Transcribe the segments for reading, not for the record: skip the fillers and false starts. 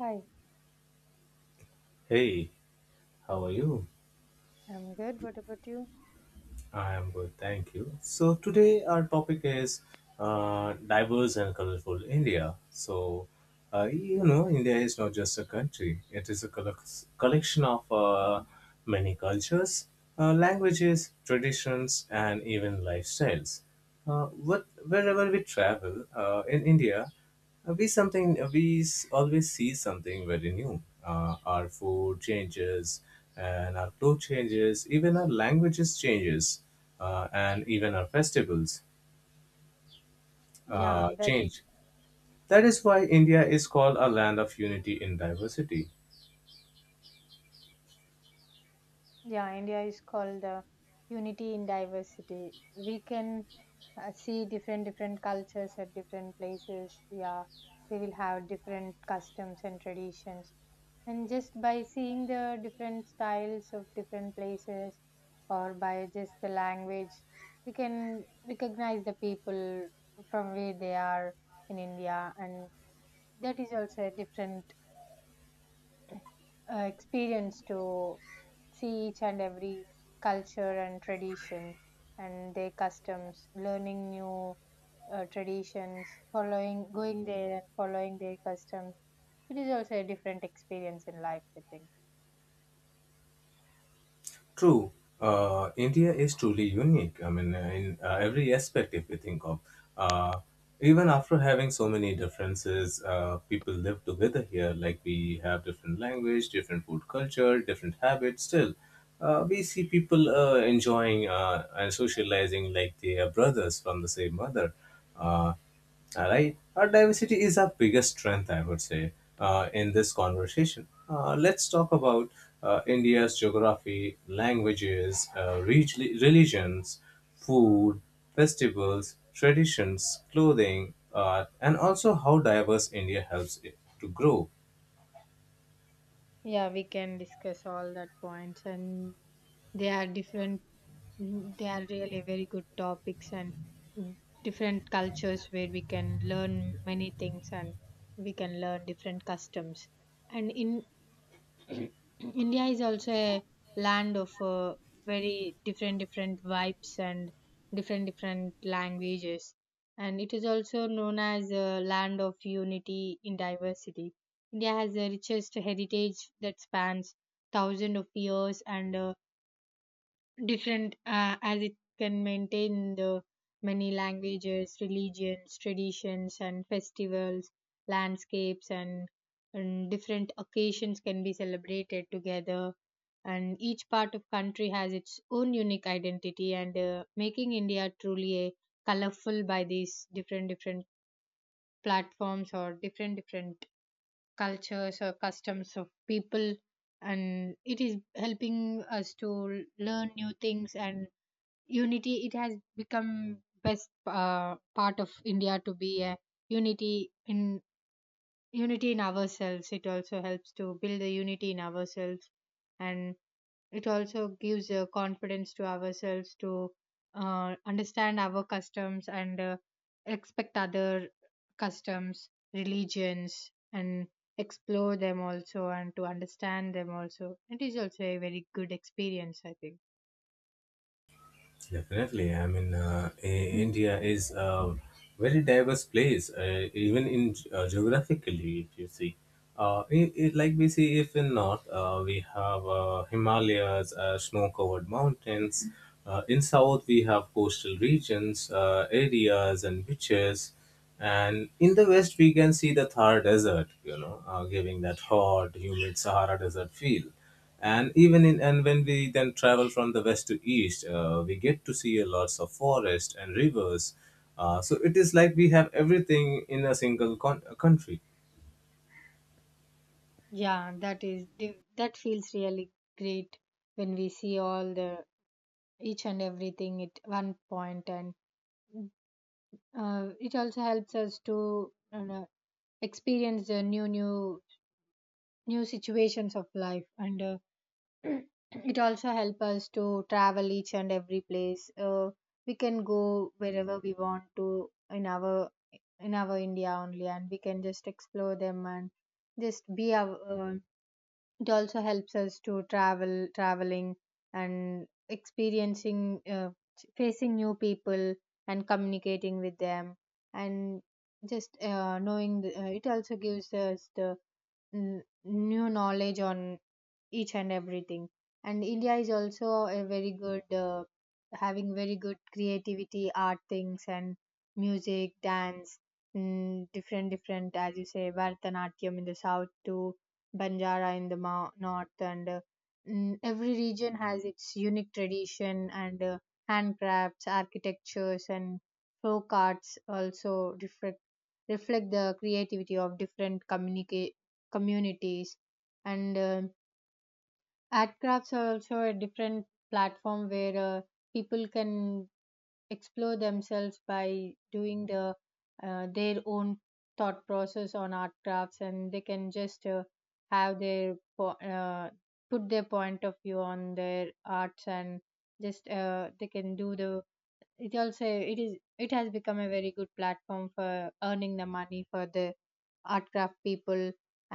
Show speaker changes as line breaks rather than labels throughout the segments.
Hi,
Hey, how are you?
I'm good. What about you?
I am good, thank you. So today our topic is diverse and colorful India. So you know, India is not just a country; it is a collection of many cultures, languages, traditions, and even lifestyles. What Wherever we travel in India. We something we s- always see something very new. Our food changes, and our clothes changes, even our languages changes, and even our festivals
Yeah, that is,
change. That is why India is called a land of unity in diversity.
yeah, India is called the unity in diversity. We can see different different cultures at different places. Yeah, they will have different customs and traditions. And just by seeing the different styles of different places or by just the language, we can recognize the people from where they are in India, and that is also a different experience to see each and every culture and tradition and their customs, learning new traditions, following, going there and following their customs. It is also a different experience in life, I think.
True, India is truly unique. In every aspect, if you think of, uh, even after having so many differences, people live together here. Like we have different language, different food culture, different habits. Still, we see people enjoying and socializing like they are brothers from the same mother. Uh, all right. Our diversity is our biggest strength, I would say, in this conversation. Let's talk about India's geography, languages, religions, food, festivals, traditions, clothing, art, and also how diverse India helps it to grow.
Yeah, we can discuss all that points, and they are different. They are really very good topics, and mm, different cultures where we can learn many things, and we can learn different customs, and in India is also a land of very different different vibes and different different languages, and it is also known as a land of unity in diversity. India has the richest heritage that spans thousands of years and different as it can maintain the many languages, religions, traditions, and festivals, landscapes, and different occasions can be celebrated together. And each part of country has its own unique identity, and making India truly a colorful by these different different platforms or different different cultures or customs of people, and it is helping us to learn new things. And unity, it has become best part of India to be a unity in unity in ourselves. It also helps to build a unity in ourselves, and it also gives a confidence to ourselves to understand our customs and expect other customs, religions, and explore them also, and to understand them also. It is also a very good experience, I think.
Definitely. India is a very diverse place, even in geographically, if you see. I Like we see, if in north, we have Himalayas, snow-covered mountains. In south, we have coastal regions, areas, and beaches. And in the west, we can see the Thar Desert, you know, giving that hot, humid Sahara Desert feel, and even in and when we then travel from the west to east, we get to see a lots of forest and rivers. So it is like we have everything in a single country.
That feels really great when we see all the each and everything at one point, and it also helps us to, experience the new new new situations of life, and it also helps us to travel each and every place. We can go wherever we want to in our India only, and we can just explore them and just be our. uh, it also helps us to travel traveling and experiencing, facing new people and communicating with them, and just knowing the. It also gives us the new knowledge on each and everything. And India is also a very good, having very good creativity art things, and music, dance, different different, as you say, Bharatanatyam in the south to Banjara in the north. And every region has its unique tradition, and handcrafts, architectures, and folk arts also reflect reflect the creativity of different communities. And art crafts are also a different platform where people can explore themselves by doing the their own thought process on art crafts, and they can just have their put their point of view on their arts, and just they can do the, it also it is it has become a very good platform for earning the money for the art craft people.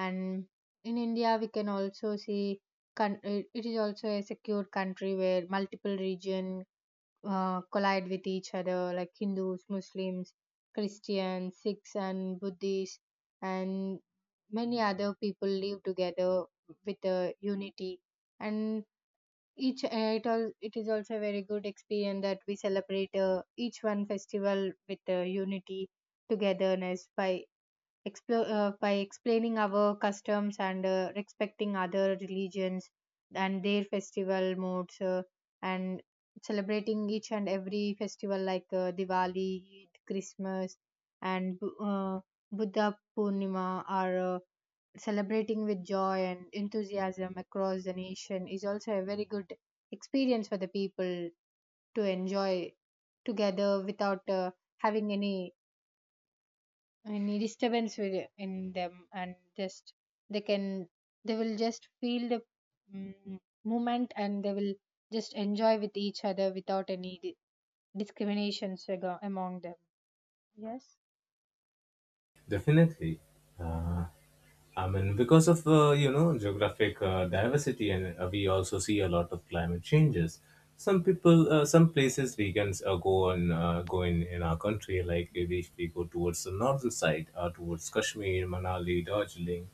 And in India, we can also see, it, it is also a secure country where multiple region collide with each other, like Hindus, Muslims, Christians, Sikhs, and Buddhists, and many other people live together with a unity. And each, it all, it is also a very good experience that we celebrate, each one festival with unity, togetherness, by explore by explaining our customs and respecting other religions and their festival modes, and celebrating each and every festival, like Diwali, Eid, Christmas, and Buddha Purnima, or celebrating with joy and enthusiasm across the nation is also a very good experience for the people to enjoy together without having any disturbance in them, and just they can, they will just feel the mm, moment, and they will just enjoy with each other without any discriminations among them. Yes.
Definitely. Uh, i mean because of uh, you know, geographic diversity, and we also see a lot of climate changes. Some places we can go in our country. Like if we go towards the northern side, towards Kashmir, Manali, Darjeeling,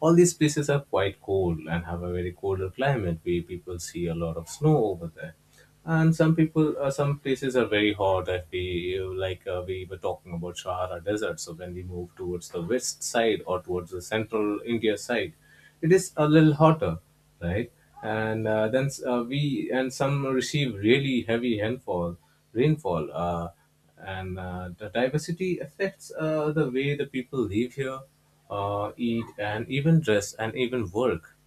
all these places are quite cold and have a very colder climate where people see a lot of snow over there. And some places are very hot. If we like uh, we were talking about Sahara Desert, so when we move towards the west side or towards the central India side, it is a little hotter, right? And uh, then uh, we and some receive really heavy rainfall. And the diversity affects the way the people live here, eat, and even dress, and even work.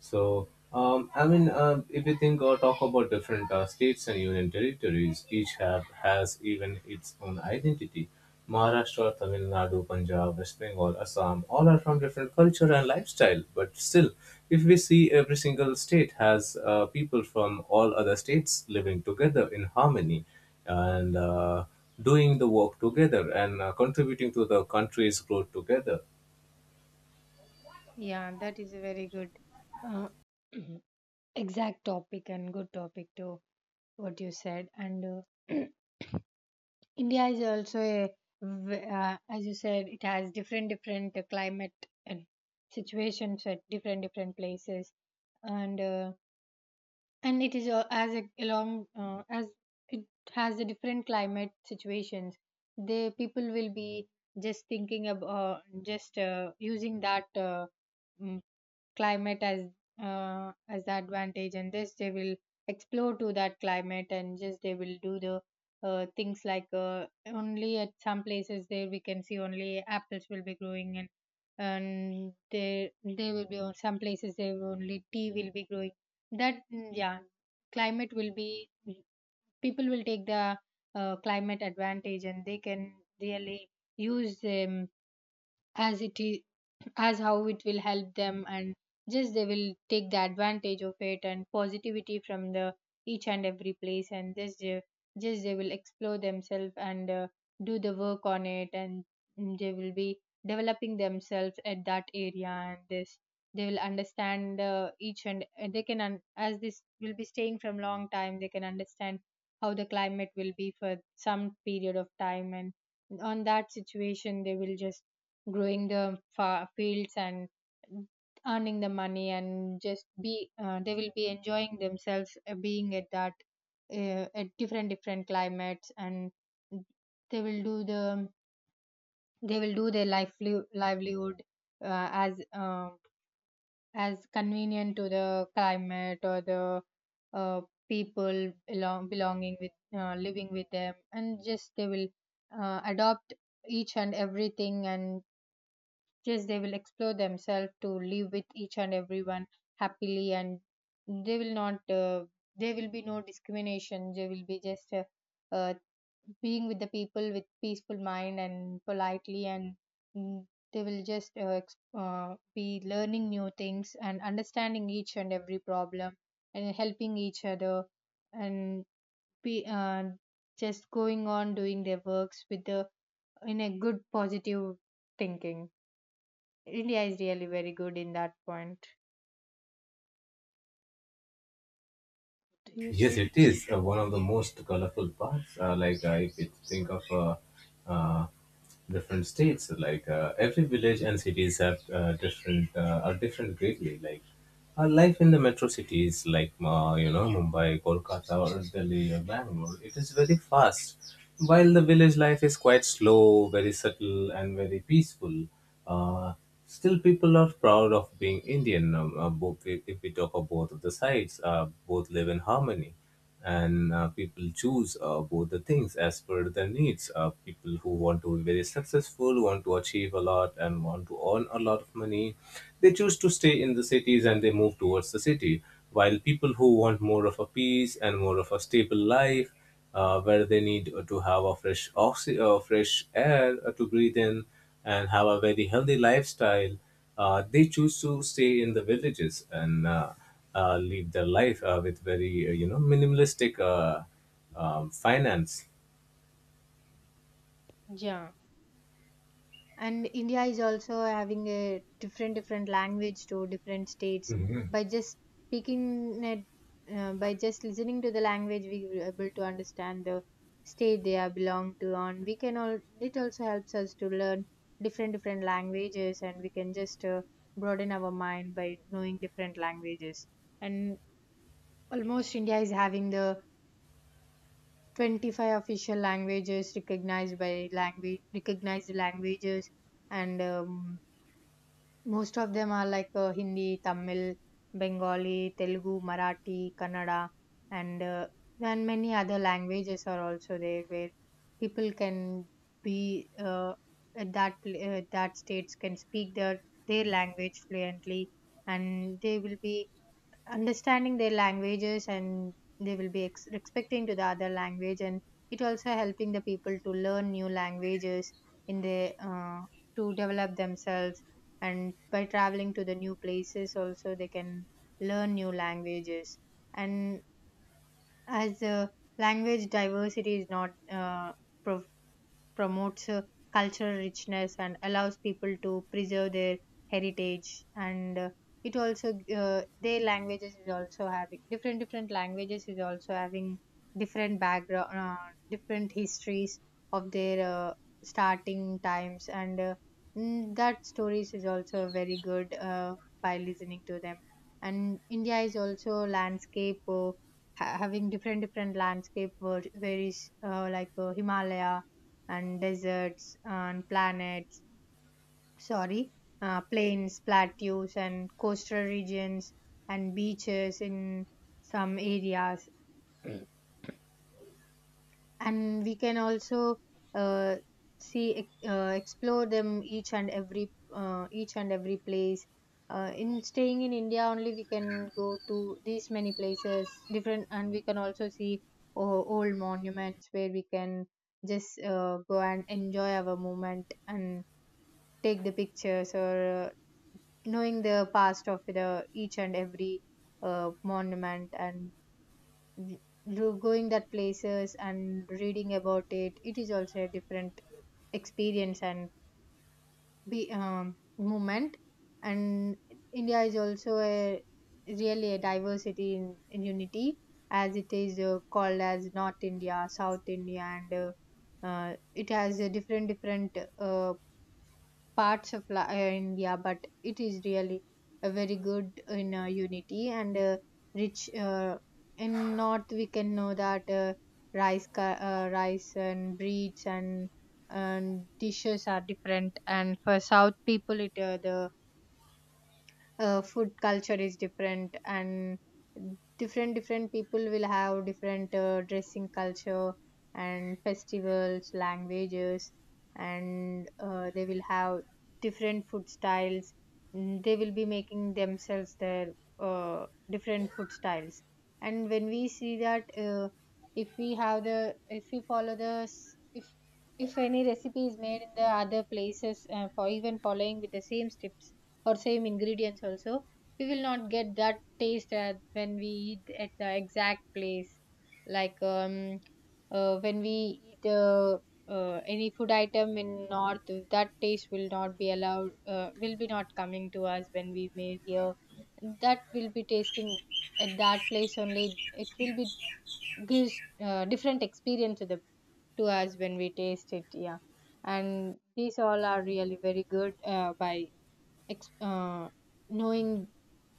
So, if you think or talk about different states and union territories, each have has even its own identity. Maharashtra, Tamil Nadu, Punjab, West Bengal, Assam, all are from different culture and lifestyle. But still, if we see, every single state has people from all other states living together in harmony, and doing the work together and contributing to the country's growth together.
Yeah, that is a very good uh, exact topic and good topic to what you said. And uh, India is also a as you said, it has different different climate and situations at different different places. And and it is as it has a different climate situations, the people will be just thinking about, just using that mm, climate as the advantage, and this they will explore to that climate, and just they will do the things like only at some places there we can see only apples will be growing. And there will be, on some places there will only tea will be growing. That, yeah, climate will be, people will take the climate advantage, and they can really use them as it is, as how it will help them. And just they will take the advantage of it and positivity from the each and every place, and just they will explore themselves, and do the work on it. And they will be developing themselves at that area, and this they will understand, each and they can as this will be staying from long time, they can understand how the climate will be for some period of time. And on that situation, they will just growing the fields and earning the money, and just be, they will be enjoying themselves being at that at different different climates. And they will do the, they will do their livelihood uh, as um as convenient to the climate or the uh, people belonging with, living with them. And just they will adopt each and everything, and just they will explore themselves to live with each and everyone happily. And they will not. There will be no discrimination. They will be just uh, being with the people with peaceful mind and politely. And mm, they will just be learning new things and understanding each and every problem and helping each other, and be just going on doing their works with the, in a good positive thinking. India is really very good in that point. Do you
Yes,
say?
it is one of the most colorful parts. Like, if you think of, uh, different states, like every village and cities have different are different greatly. Like our life in the metro cities, like you know, Mumbai, Kolkata, or Delhi, or Bangalore, it is very fast. While the village life is quite slow, very subtle, and very peaceful. Uh, Still, people are proud of being Indian. Both, if we talk of both of the sides, both live in harmony, and people choose both the things as per their needs. People who want to be very successful, want to achieve a lot, and want to earn a lot of money, they choose to stay in the cities and they move towards the city. While people who want more of a peace and more of a stable life, where they need to have a fresh air to breathe in and have a very healthy lifestyle, they choose to stay in the villages and live their life with very you know, minimalistic finance.
Yeah, and India is also having a different different language to different states. By just speaking it, by just listening to the language, we were able to understand the state they are belong to, and we can all, it also helps us to learn different different languages, and we can just broaden our mind by knowing different languages. And almost India is having the 25 official languages recognized by language, recognized languages. And most of them are like Hindi, Tamil, Bengali, Telugu, Marathi, Kannada, and uh, and many other languages are also there, where people can be uh, at that that states can speak their language fluently. And they will be understanding their languages, and they will be expecting to the other language. And it also helping the people to learn new languages in their, to develop themselves. And by traveling to the new places, also they can learn new languages. And as the language diversity is not promotes cultural richness, and allows people to preserve their heritage. And it also their languages is also having different different languages is also having different background, different histories of their starting times. And that stories is also very good by listening to them. And India is also landscape, ha- having different different landscape, where is like Himalaya and deserts and planets, sorry, plains, plateaus, and coastal regions and beaches in some areas. Mm. And we can also uh, see, explore them, each and every, each and every place, in staying in India only, we can go to these many places different. And we can also see old monuments where we can just go and enjoy our moment and take the pictures, or knowing the past of the each and every monument. And going that places and reading about it, it is also a different experience, and be movement. And India is also a really a diversity in unity, as it is called as North India, South India. And it has a different different parts of India. But it is really a very good in unity and rich. In North, we can know that rice and breeds and dishes are different, and for South people, it the food culture is different, and different people will have different dressing culture and festivals, languages, and they will have different food styles. Mm, they will be making themselves their different food styles. And when we see that, if we have the if we follow the s- if any recipe is made in the other places, for even following with the same steps or same ingredients also, we will not get that taste at when we eat at the exact place. like um when we eat, any food item in north, that taste will not be allowed, will be not coming to us when we made here. That will be tasting at that place only. It will be gives different experience to the to us when we taste it, yeah. And these all are really very good by ex- uh, knowing.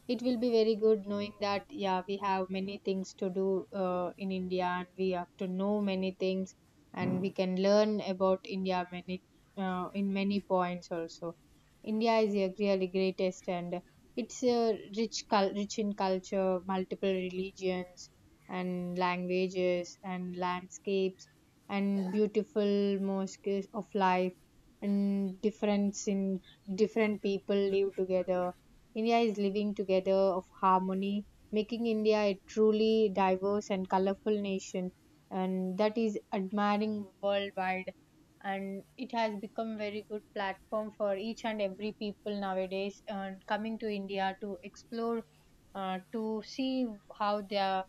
It will be very good knowing that, yeah, we have many things to do in India, and we have to know many things, and we can learn about India many, in many points also. India is a really greatest, and it's a rich in culture, multiple religions and languages and landscapes and beautiful mosques of life and difference in different people live together. India is living together of harmony, making India a truly diverse and colorful nation, and that is admiring worldwide. And it has become very good platform for each and every people nowadays, and coming to India to explore, to see how they are,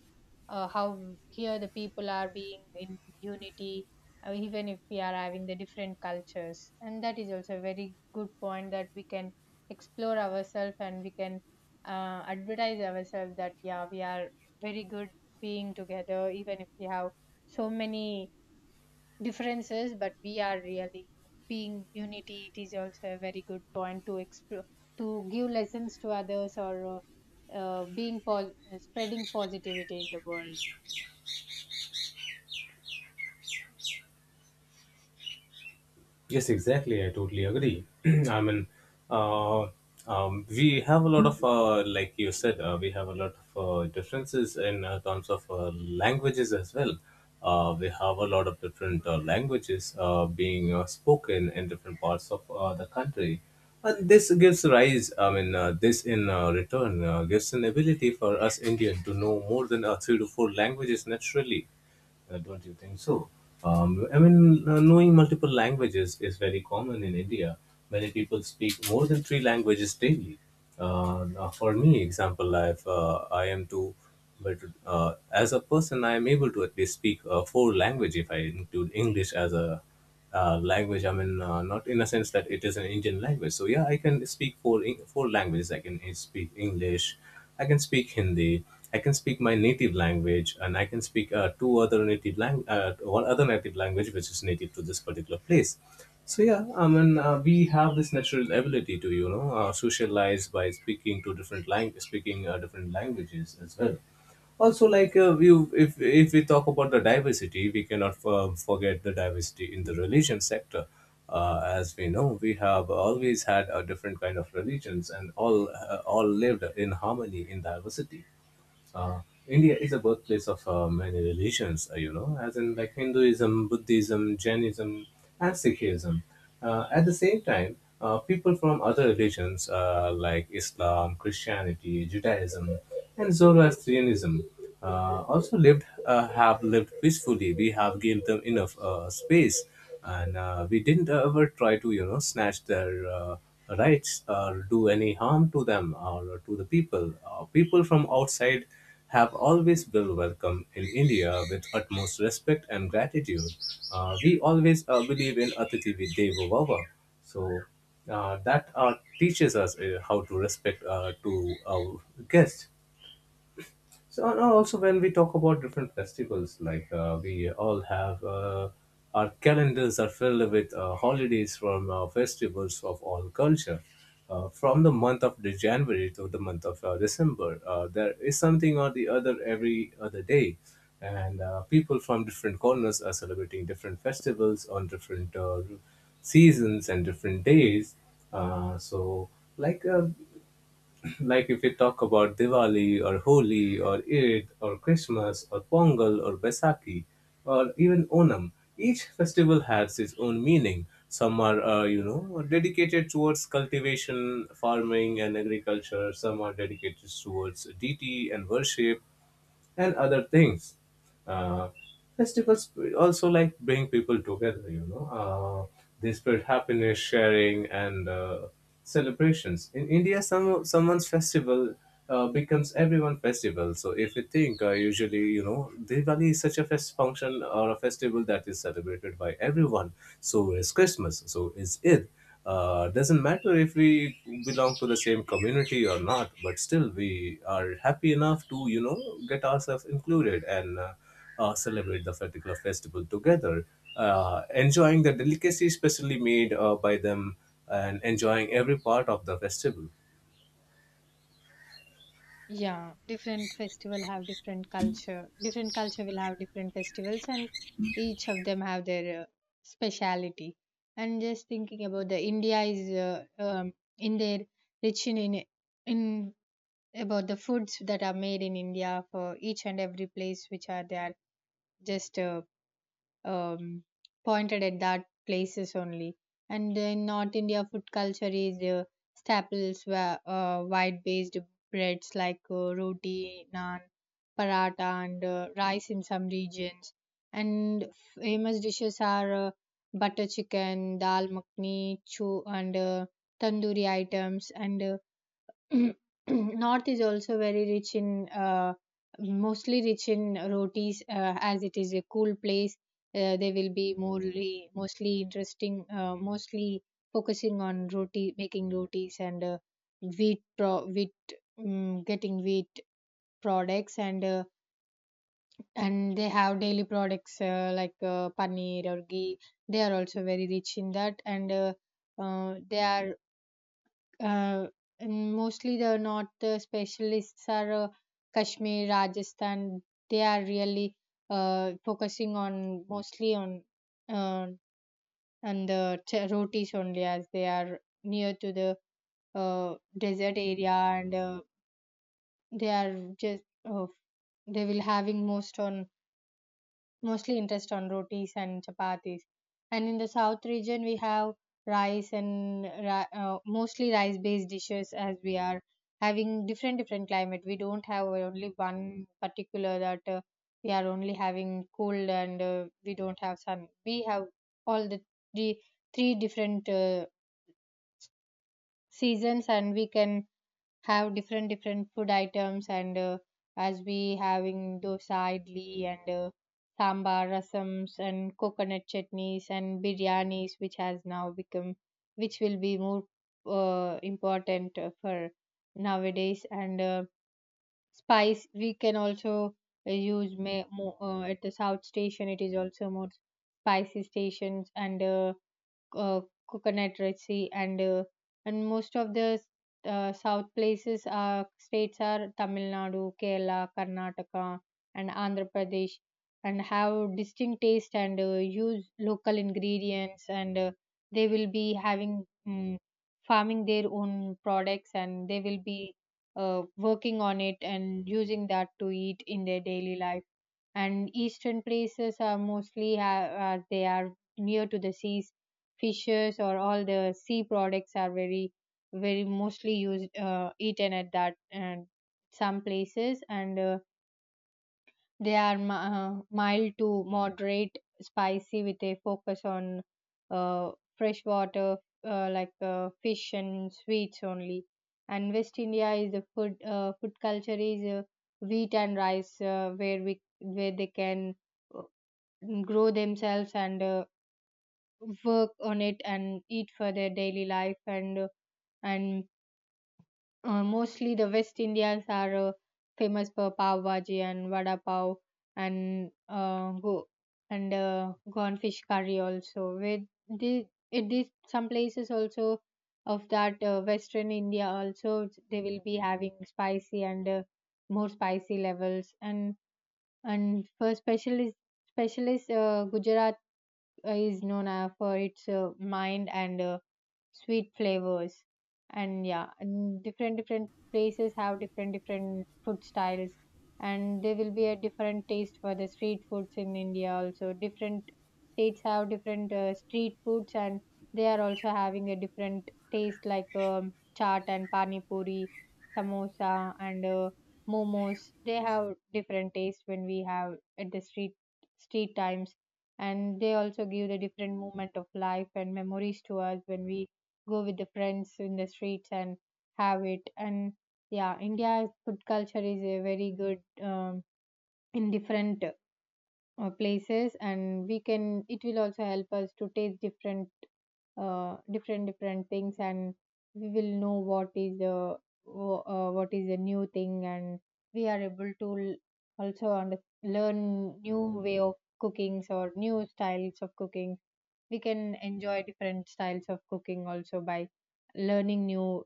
how here the people are being in unity, even if we are having the different cultures. And that is also a very good point that we can explore ourselves, and we can advertise ourselves that, yeah, we are very good being together even if we have so many differences, but we are really being unity. It is also a very good point to explore, to give lessons to others, or uh, being pol- spreading positivity in the world.
Yes, exactly. I totally agree. I mean, uh, we have a lot of, like you said, we have a lot of differences in terms of languages as well. We have a lot of different languages being spoken in different parts of the country. And this gives rise, this in return gives an ability for us Indian to know more than three to four languages naturally. Don't you think so? Knowing multiple languages is very common in India. Many people speak more than three languages daily. Now for me, example, I am to, but as a person, I am able to at least speak four language if I include English as a language. I mean, not in a sense that it is an Indian language. So yeah, I can speak four languages. I can speak English, I can speak Hindi, I can speak my native language, and I can speak two other native lang one other native language, which is native to this particular place. So yeah, I mean, we have this natural ability to, you know, socialize by speaking to different language, speaking different languages as well. Also, like, we if we talk about the diversity, we cannot forget the diversity in the religion sector. As we know, we have always had a different kind of religions, and all lived in harmony in diversity. uh, India is a birthplace of many religions, you know, as in like Hinduism, Buddhism, Jainism, and Sikhism. At the same time, people from other religions like Islam, Christianity, Judaism, and Zoroastrianism also lived have lived peacefully. We have given them enough space, and we didn't ever try to, you know, snatch their rights or do any harm to them or to the people. People from outside have always been welcome in India with utmost respect and gratitude. We always believe in Atithi Devo Bhava. So that teaches us how to respect to our guests. So, and also when we talk about different festivals, like we all have our calendars are filled with holidays from festivals of all culture. From the month of the January to the month of December, there is something or the other every other day, and people from different corners are celebrating different festivals on different seasons and different days. So like uh, like, if we talk about Diwali or Holi or Eid or Christmas or Pongal or Baisakhi or even Onam, each festival has its own meaning. Some are, you know, dedicated towards cultivation, farming, and agriculture. Some are dedicated towards deity and worship and other things. Uh, Festivals also like bring people together, you know. They spread happiness, sharing, and celebrations. In India, someone's festival becomes everyone's festival. So if you think, usually, you know, Diwali is such a fest function or a festival that is celebrated by everyone. So is Christmas. So is Eid. Doesn't matter if we belong to the same community or not, but still we are happy enough to, you know, get ourselves included, and celebrate the particular festival together, enjoying the delicacy specially made by them, and enjoying every part of the festival.
Yeah, different festival have different culture. Different culture will have different festivals, and each of them have their speciality. And just thinking about the India is in their rich in about the foods that are made in India for each and every place, which are they are just um, pointed at that places only. And in North India, food culture is staples, were wide-based breads like roti, naan, paratha, and rice in some regions. And famous dishes are butter chicken, dal makhni, chu, and tandoori items, and mhm. North is also very rich in mostly rich in rotis, as it is a cool place. They will be mostly interesting, mostly focusing on roti, making rotis, and wheat, getting wheat products, and they have daily products, like paneer or ghee. They are also very rich in that uh, they are uh, and mostly the North, the specialists are Kashmir, Rajasthan. They are really focusing on mostly on, uh, and the rotis only, as they are near to the desert area, and they are just uh, they will having most on, mostly interest on rotis and chapatis. And in the south region, we have mostly rice-based dishes, as we are having different different climate. We don't have only one particular that, we are only having cold and we don't have sun. We have all the three, three different seasons, and we can have different different food items, and as we having dosa, idli, and sambar, rasams, and coconut chutneys and biryanis, which has now become, which will be more important for nowadays. And spice, we can also use may, mo at the south station it is also more spicy stations, and uh, coconut resi, and most of the south places are states are Tamil Nadu, Kerala, Karnataka, and Andhra Pradesh, and have distinct taste, and use local ingredients, and they will be having, mm, farming their own products, and they will be uh, working on it and using that to eat in their daily life. And eastern places are are they are near to the seas. Fishes or all the sea products are very, very mostly used, eaten at that and some places, and they are mild to moderate spicy with a focus on fresh water, like fish and sweets only. And West India is the food culture is wheat and rice, where we where they can uh, grow themselves and work on it and eat for their daily life. And Mostly the West Indians are famous for pav bhaji and vada pav, and go and gone fish curry also. With the It is some places also of that, Western India also, they will be having spicy and more spicy levels. And For specialist Gujarat is known for its mind and sweet flavors. And yeah, and different different places have different different food styles, and there will be a different taste for the street foods in India also. Different states have different street foods, and they are also having a different taste, like chaat and pani puri, samosa, and momos. They have different taste when we have at the street times, and they also give the different moment of life and memories to us when we go with the friends in the streets and have it. And yeah, India's food culture is a very good, in different places, and we can, it will also help us to taste different, different different things, and we will know what is the what is a new thing, and we are able to also learn new way of cookings or new styles of cooking. We can enjoy different styles of cooking also by learning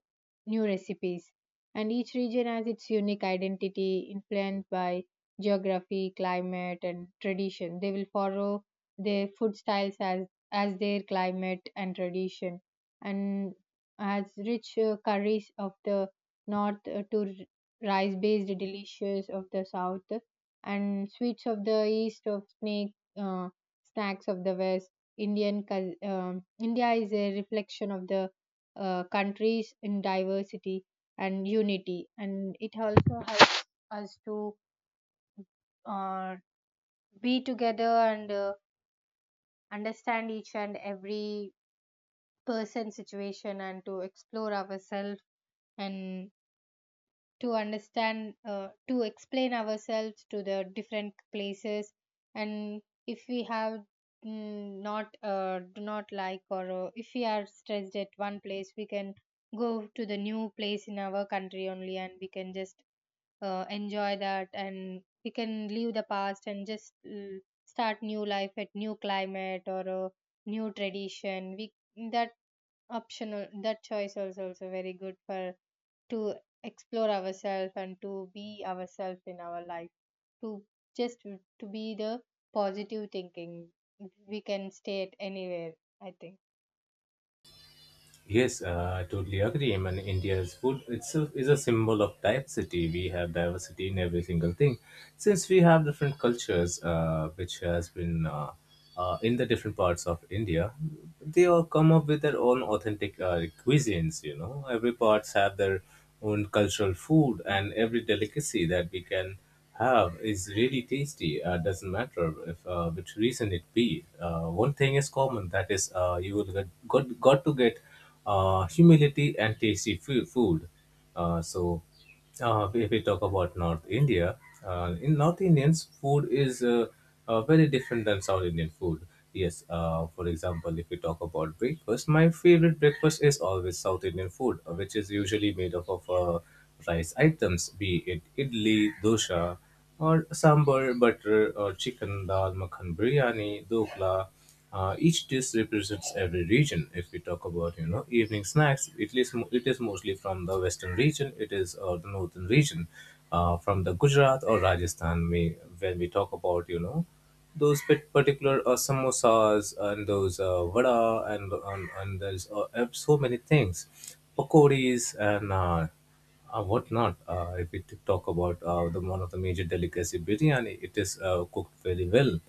new recipes. And each region has its unique identity influenced by geography, climate, and tradition. They will follow their food styles as their climate and tradition. And as rich curries of the north, to rice based delicious of the south, and sweets of the east, of snake snacks of the west. India is a reflection of the countries in diversity and unity. And it also helps us to uh, be together, and understand each and every person's situation, and to explore ourselves, and to understand, to explain ourselves to the different places. And if we have, mm, not do not like, or if we are stressed at one place, we can go to the new place in our country only, and we can just enjoy that, and we can leave the past and just, mm, start new life at new climate or a new tradition. We that optional, that choice also, also very good for, to explore ourselves and to be ourselves in our life, to just to be the positive thinking. We can stay at anywhere, I think.
Yes, I totally agree. I mean, India's food itself is a symbol of diversity. We have diversity in every single thing. Since we have different cultures, which has been in the different parts of India, they all come up with their own authentic cuisines. You know, every parts have their own cultural food, and every delicacy that we can have is really tasty. Doesn't matter if which reason it be. One thing is common, that is, you will get, got to get humility and tasty food. So, if we talk about North India, in North Indians, food is very different than South Indian food. Yes, for example, if we talk about breakfast, my favorite breakfast is always South Indian food, which is usually made up of rice items, be it idli, dosa, or sambar, butter, or chicken dal, makhan biryani, dokla. Each dish represents every region. If we talk about, you know, evening snacks, it it is mostly from the western region. It is the northern region, from the Gujarat or Rajasthan. We when we talk about you know those particular samosas and those vada and there's so many things, pakoris and whatnot. If we talk about the one of the major delicacy biryani, it is cooked very well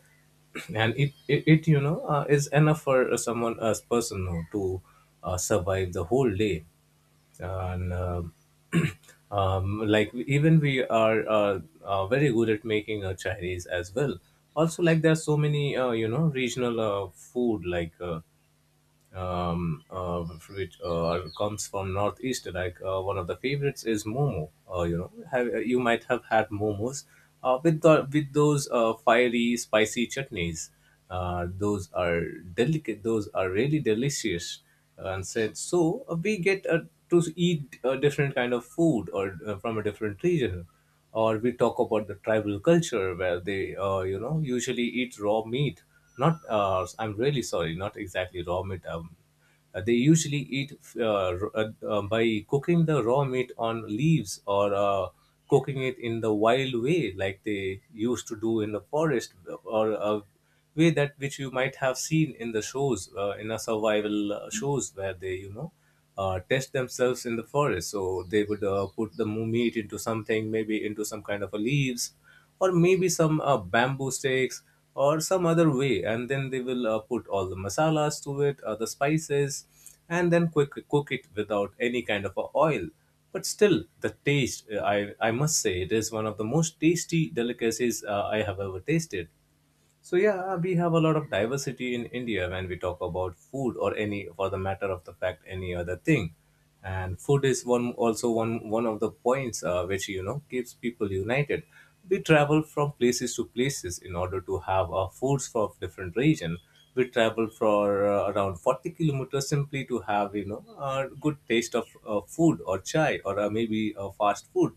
and it is enough for someone as person who, to survive the whole day and like even we are very good at making Chinese as well. Also, like there are so many you know regional food like um, uh, which comes from northeast. Like one of the favorites is momo. You know, you might have had momos with with those fiery, spicy chutneys. Those are delicate. Those are really delicious. And said so, we get to eat a different kind of food or from a different region. Or we talk about the tribal culture where they you know, usually eat raw meat not, I'm really sorry, not exactly raw meat. They usually eat by cooking the raw meat on leaves or cooking it in the wild way, like they used to do in the forest, or a way that which you might have seen in the shows, in a survival shows where they, you know, test themselves in the forest. So they would put the meat into something, maybe into some kind of a leaves, or maybe some bamboo sticks, or some other way. And then they will put all the masalas to it, the spices, and then quick cook it without any kind of a oil. But still, the taste, I must say, it is one of the most tasty delicacies I have ever tasted. So yeah, we have a lot of diversity in India when we talk about food or any, for the matter of the fact, any other thing. And food is one also one one of the points which you know keeps people united. We travel from places to places in order to have our foods from different region. We travel for around 40 kilometers simply to have you know a good taste of food or chai or maybe fast food,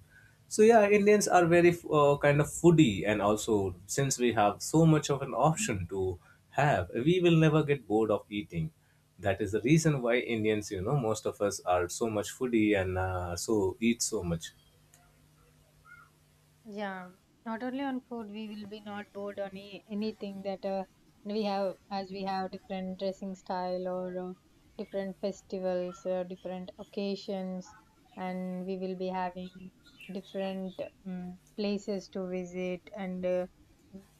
so yeah, Indians are very kind of foodie, and also since we have so much of an option to have, we will never get bored of eating. That is the reason why Indians, you know, most of us are so much foodie and so eat so much.
Yeah, not only on food, we will be not bored on anything that we have, as we have different dressing style, or different festivals, different occasions, and we will be having different places to visit. And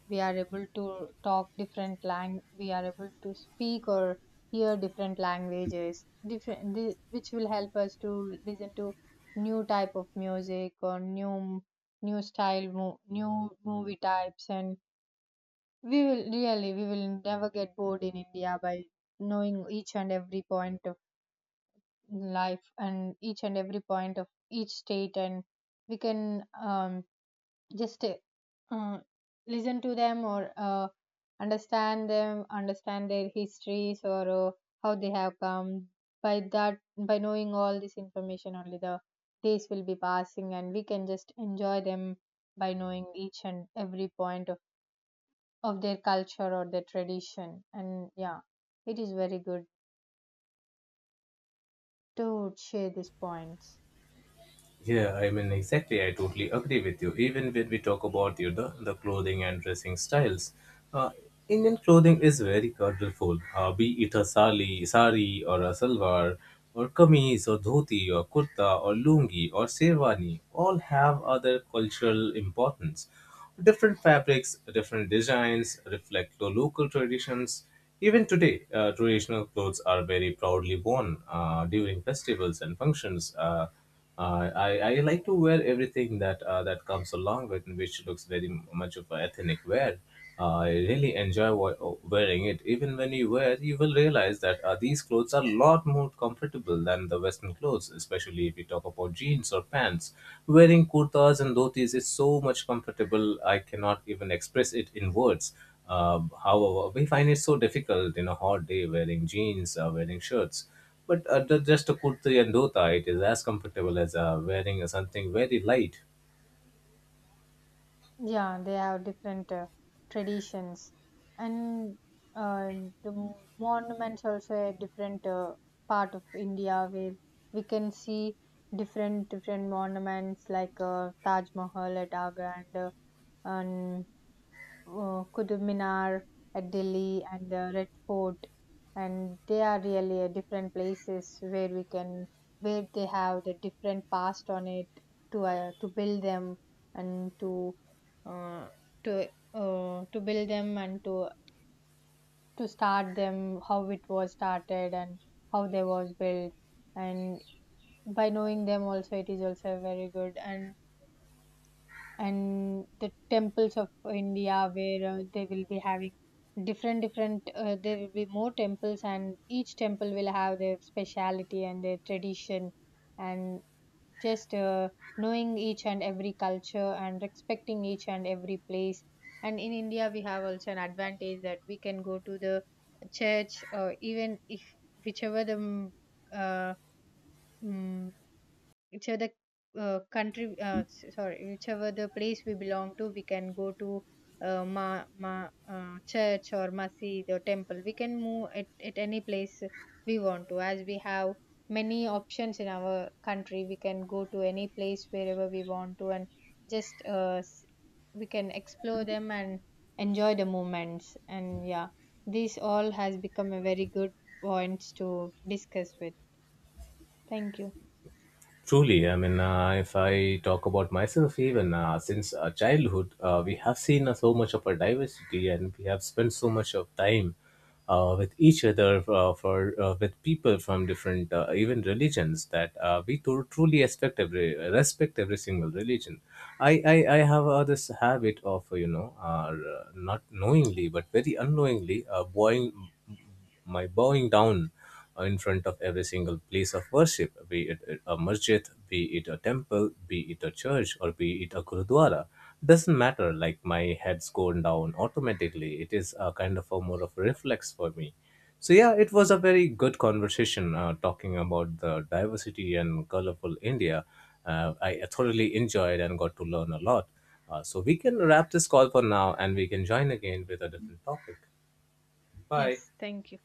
we are able to talk different lang. We are able to speak or hear different languages, different, the, which will help us to listen to new type of music, or new style, new movie types. And we will really, we will never get bored in India by knowing each and every point of life and each and every point of each state. And we can, just uh, mm, listen to them, or understand them, understand their histories, or how they have come. By that, by knowing all this information, only the days will be passing, and we can just enjoy them by knowing each and every point of their culture or their tradition. And yeah, it is very good to share these points.
Yeah, I mean, exactly. I totally agree with you. Even when we talk about you know, the clothing and dressing styles, uh, Indian clothing is very colorful. Be it a sari or a salwar, or kameez or dhoti or kurta or lungi or sherwani, all have other cultural importance. Different fabrics, different designs reflect the local traditions. Even today, traditional clothes are very proudly worn during festivals and functions. I like to wear everything that that comes along with, which looks very much of a ethnic wear. I really enjoy wearing it. Even when you wear, you will realize that these clothes are a lot more comfortable than the Western clothes, especially if you talk about jeans or pants. Wearing kurtas and dhotis is so much comfortable. I cannot even express it in words. However, we find it so difficult in a hot day wearing jeans, wearing shirts. But just a kurti and dhota, it is as comfortable as wearing something very light.
Yeah, they have different traditions, and uh, the monuments also a different part of India, where we can see different different monuments, like Taj Mahal at Agra, and and Qutub Minar at Delhi, and the Red Fort. And they are really different places where we can, where they have the different past on it, to build them, and to uh, to build them, and to start them, how it was started and how they was built. And by knowing them also, it is also very good. And the temples of India, where they will be having different different there will be more temples, and each temple will have their speciality and their tradition. And just knowing each and every culture and respecting each and every place. And in India, we have also an advantage that we can go to the church, or even if, whichever the, uh, mm, whichever the, country s- sorry whichever the place we belong to, we can go to, church, or masjid, or temple. We can move at any place we want to, as we have many options in our country. We can go to any place wherever we want to, and just we can explore them and enjoy the moments. And yeah, this all has become a very good points to discuss with. Thank you.
Truly, I mean, if I talk about myself, even since childhood, we have seen so much of our diversity, and we have spent so much of time with each other, for with people from different, even religions, that truly respect every single religion. I have this habit of you know, not knowingly but very unknowingly, buying my bowing down in front of every single place of worship, be it a masjid, be it a temple, be it a church, or be it a gurudwara, doesn't matter. Like my head's gone down automatically. It is a kind of a more of a reflex for me. So yeah, it was a very good conversation talking about the diversity and colorful India. I thoroughly enjoyed and got to learn a lot. So we can wrap this call for now, and we can join again with a different topic. Bye.
Yes, thank you.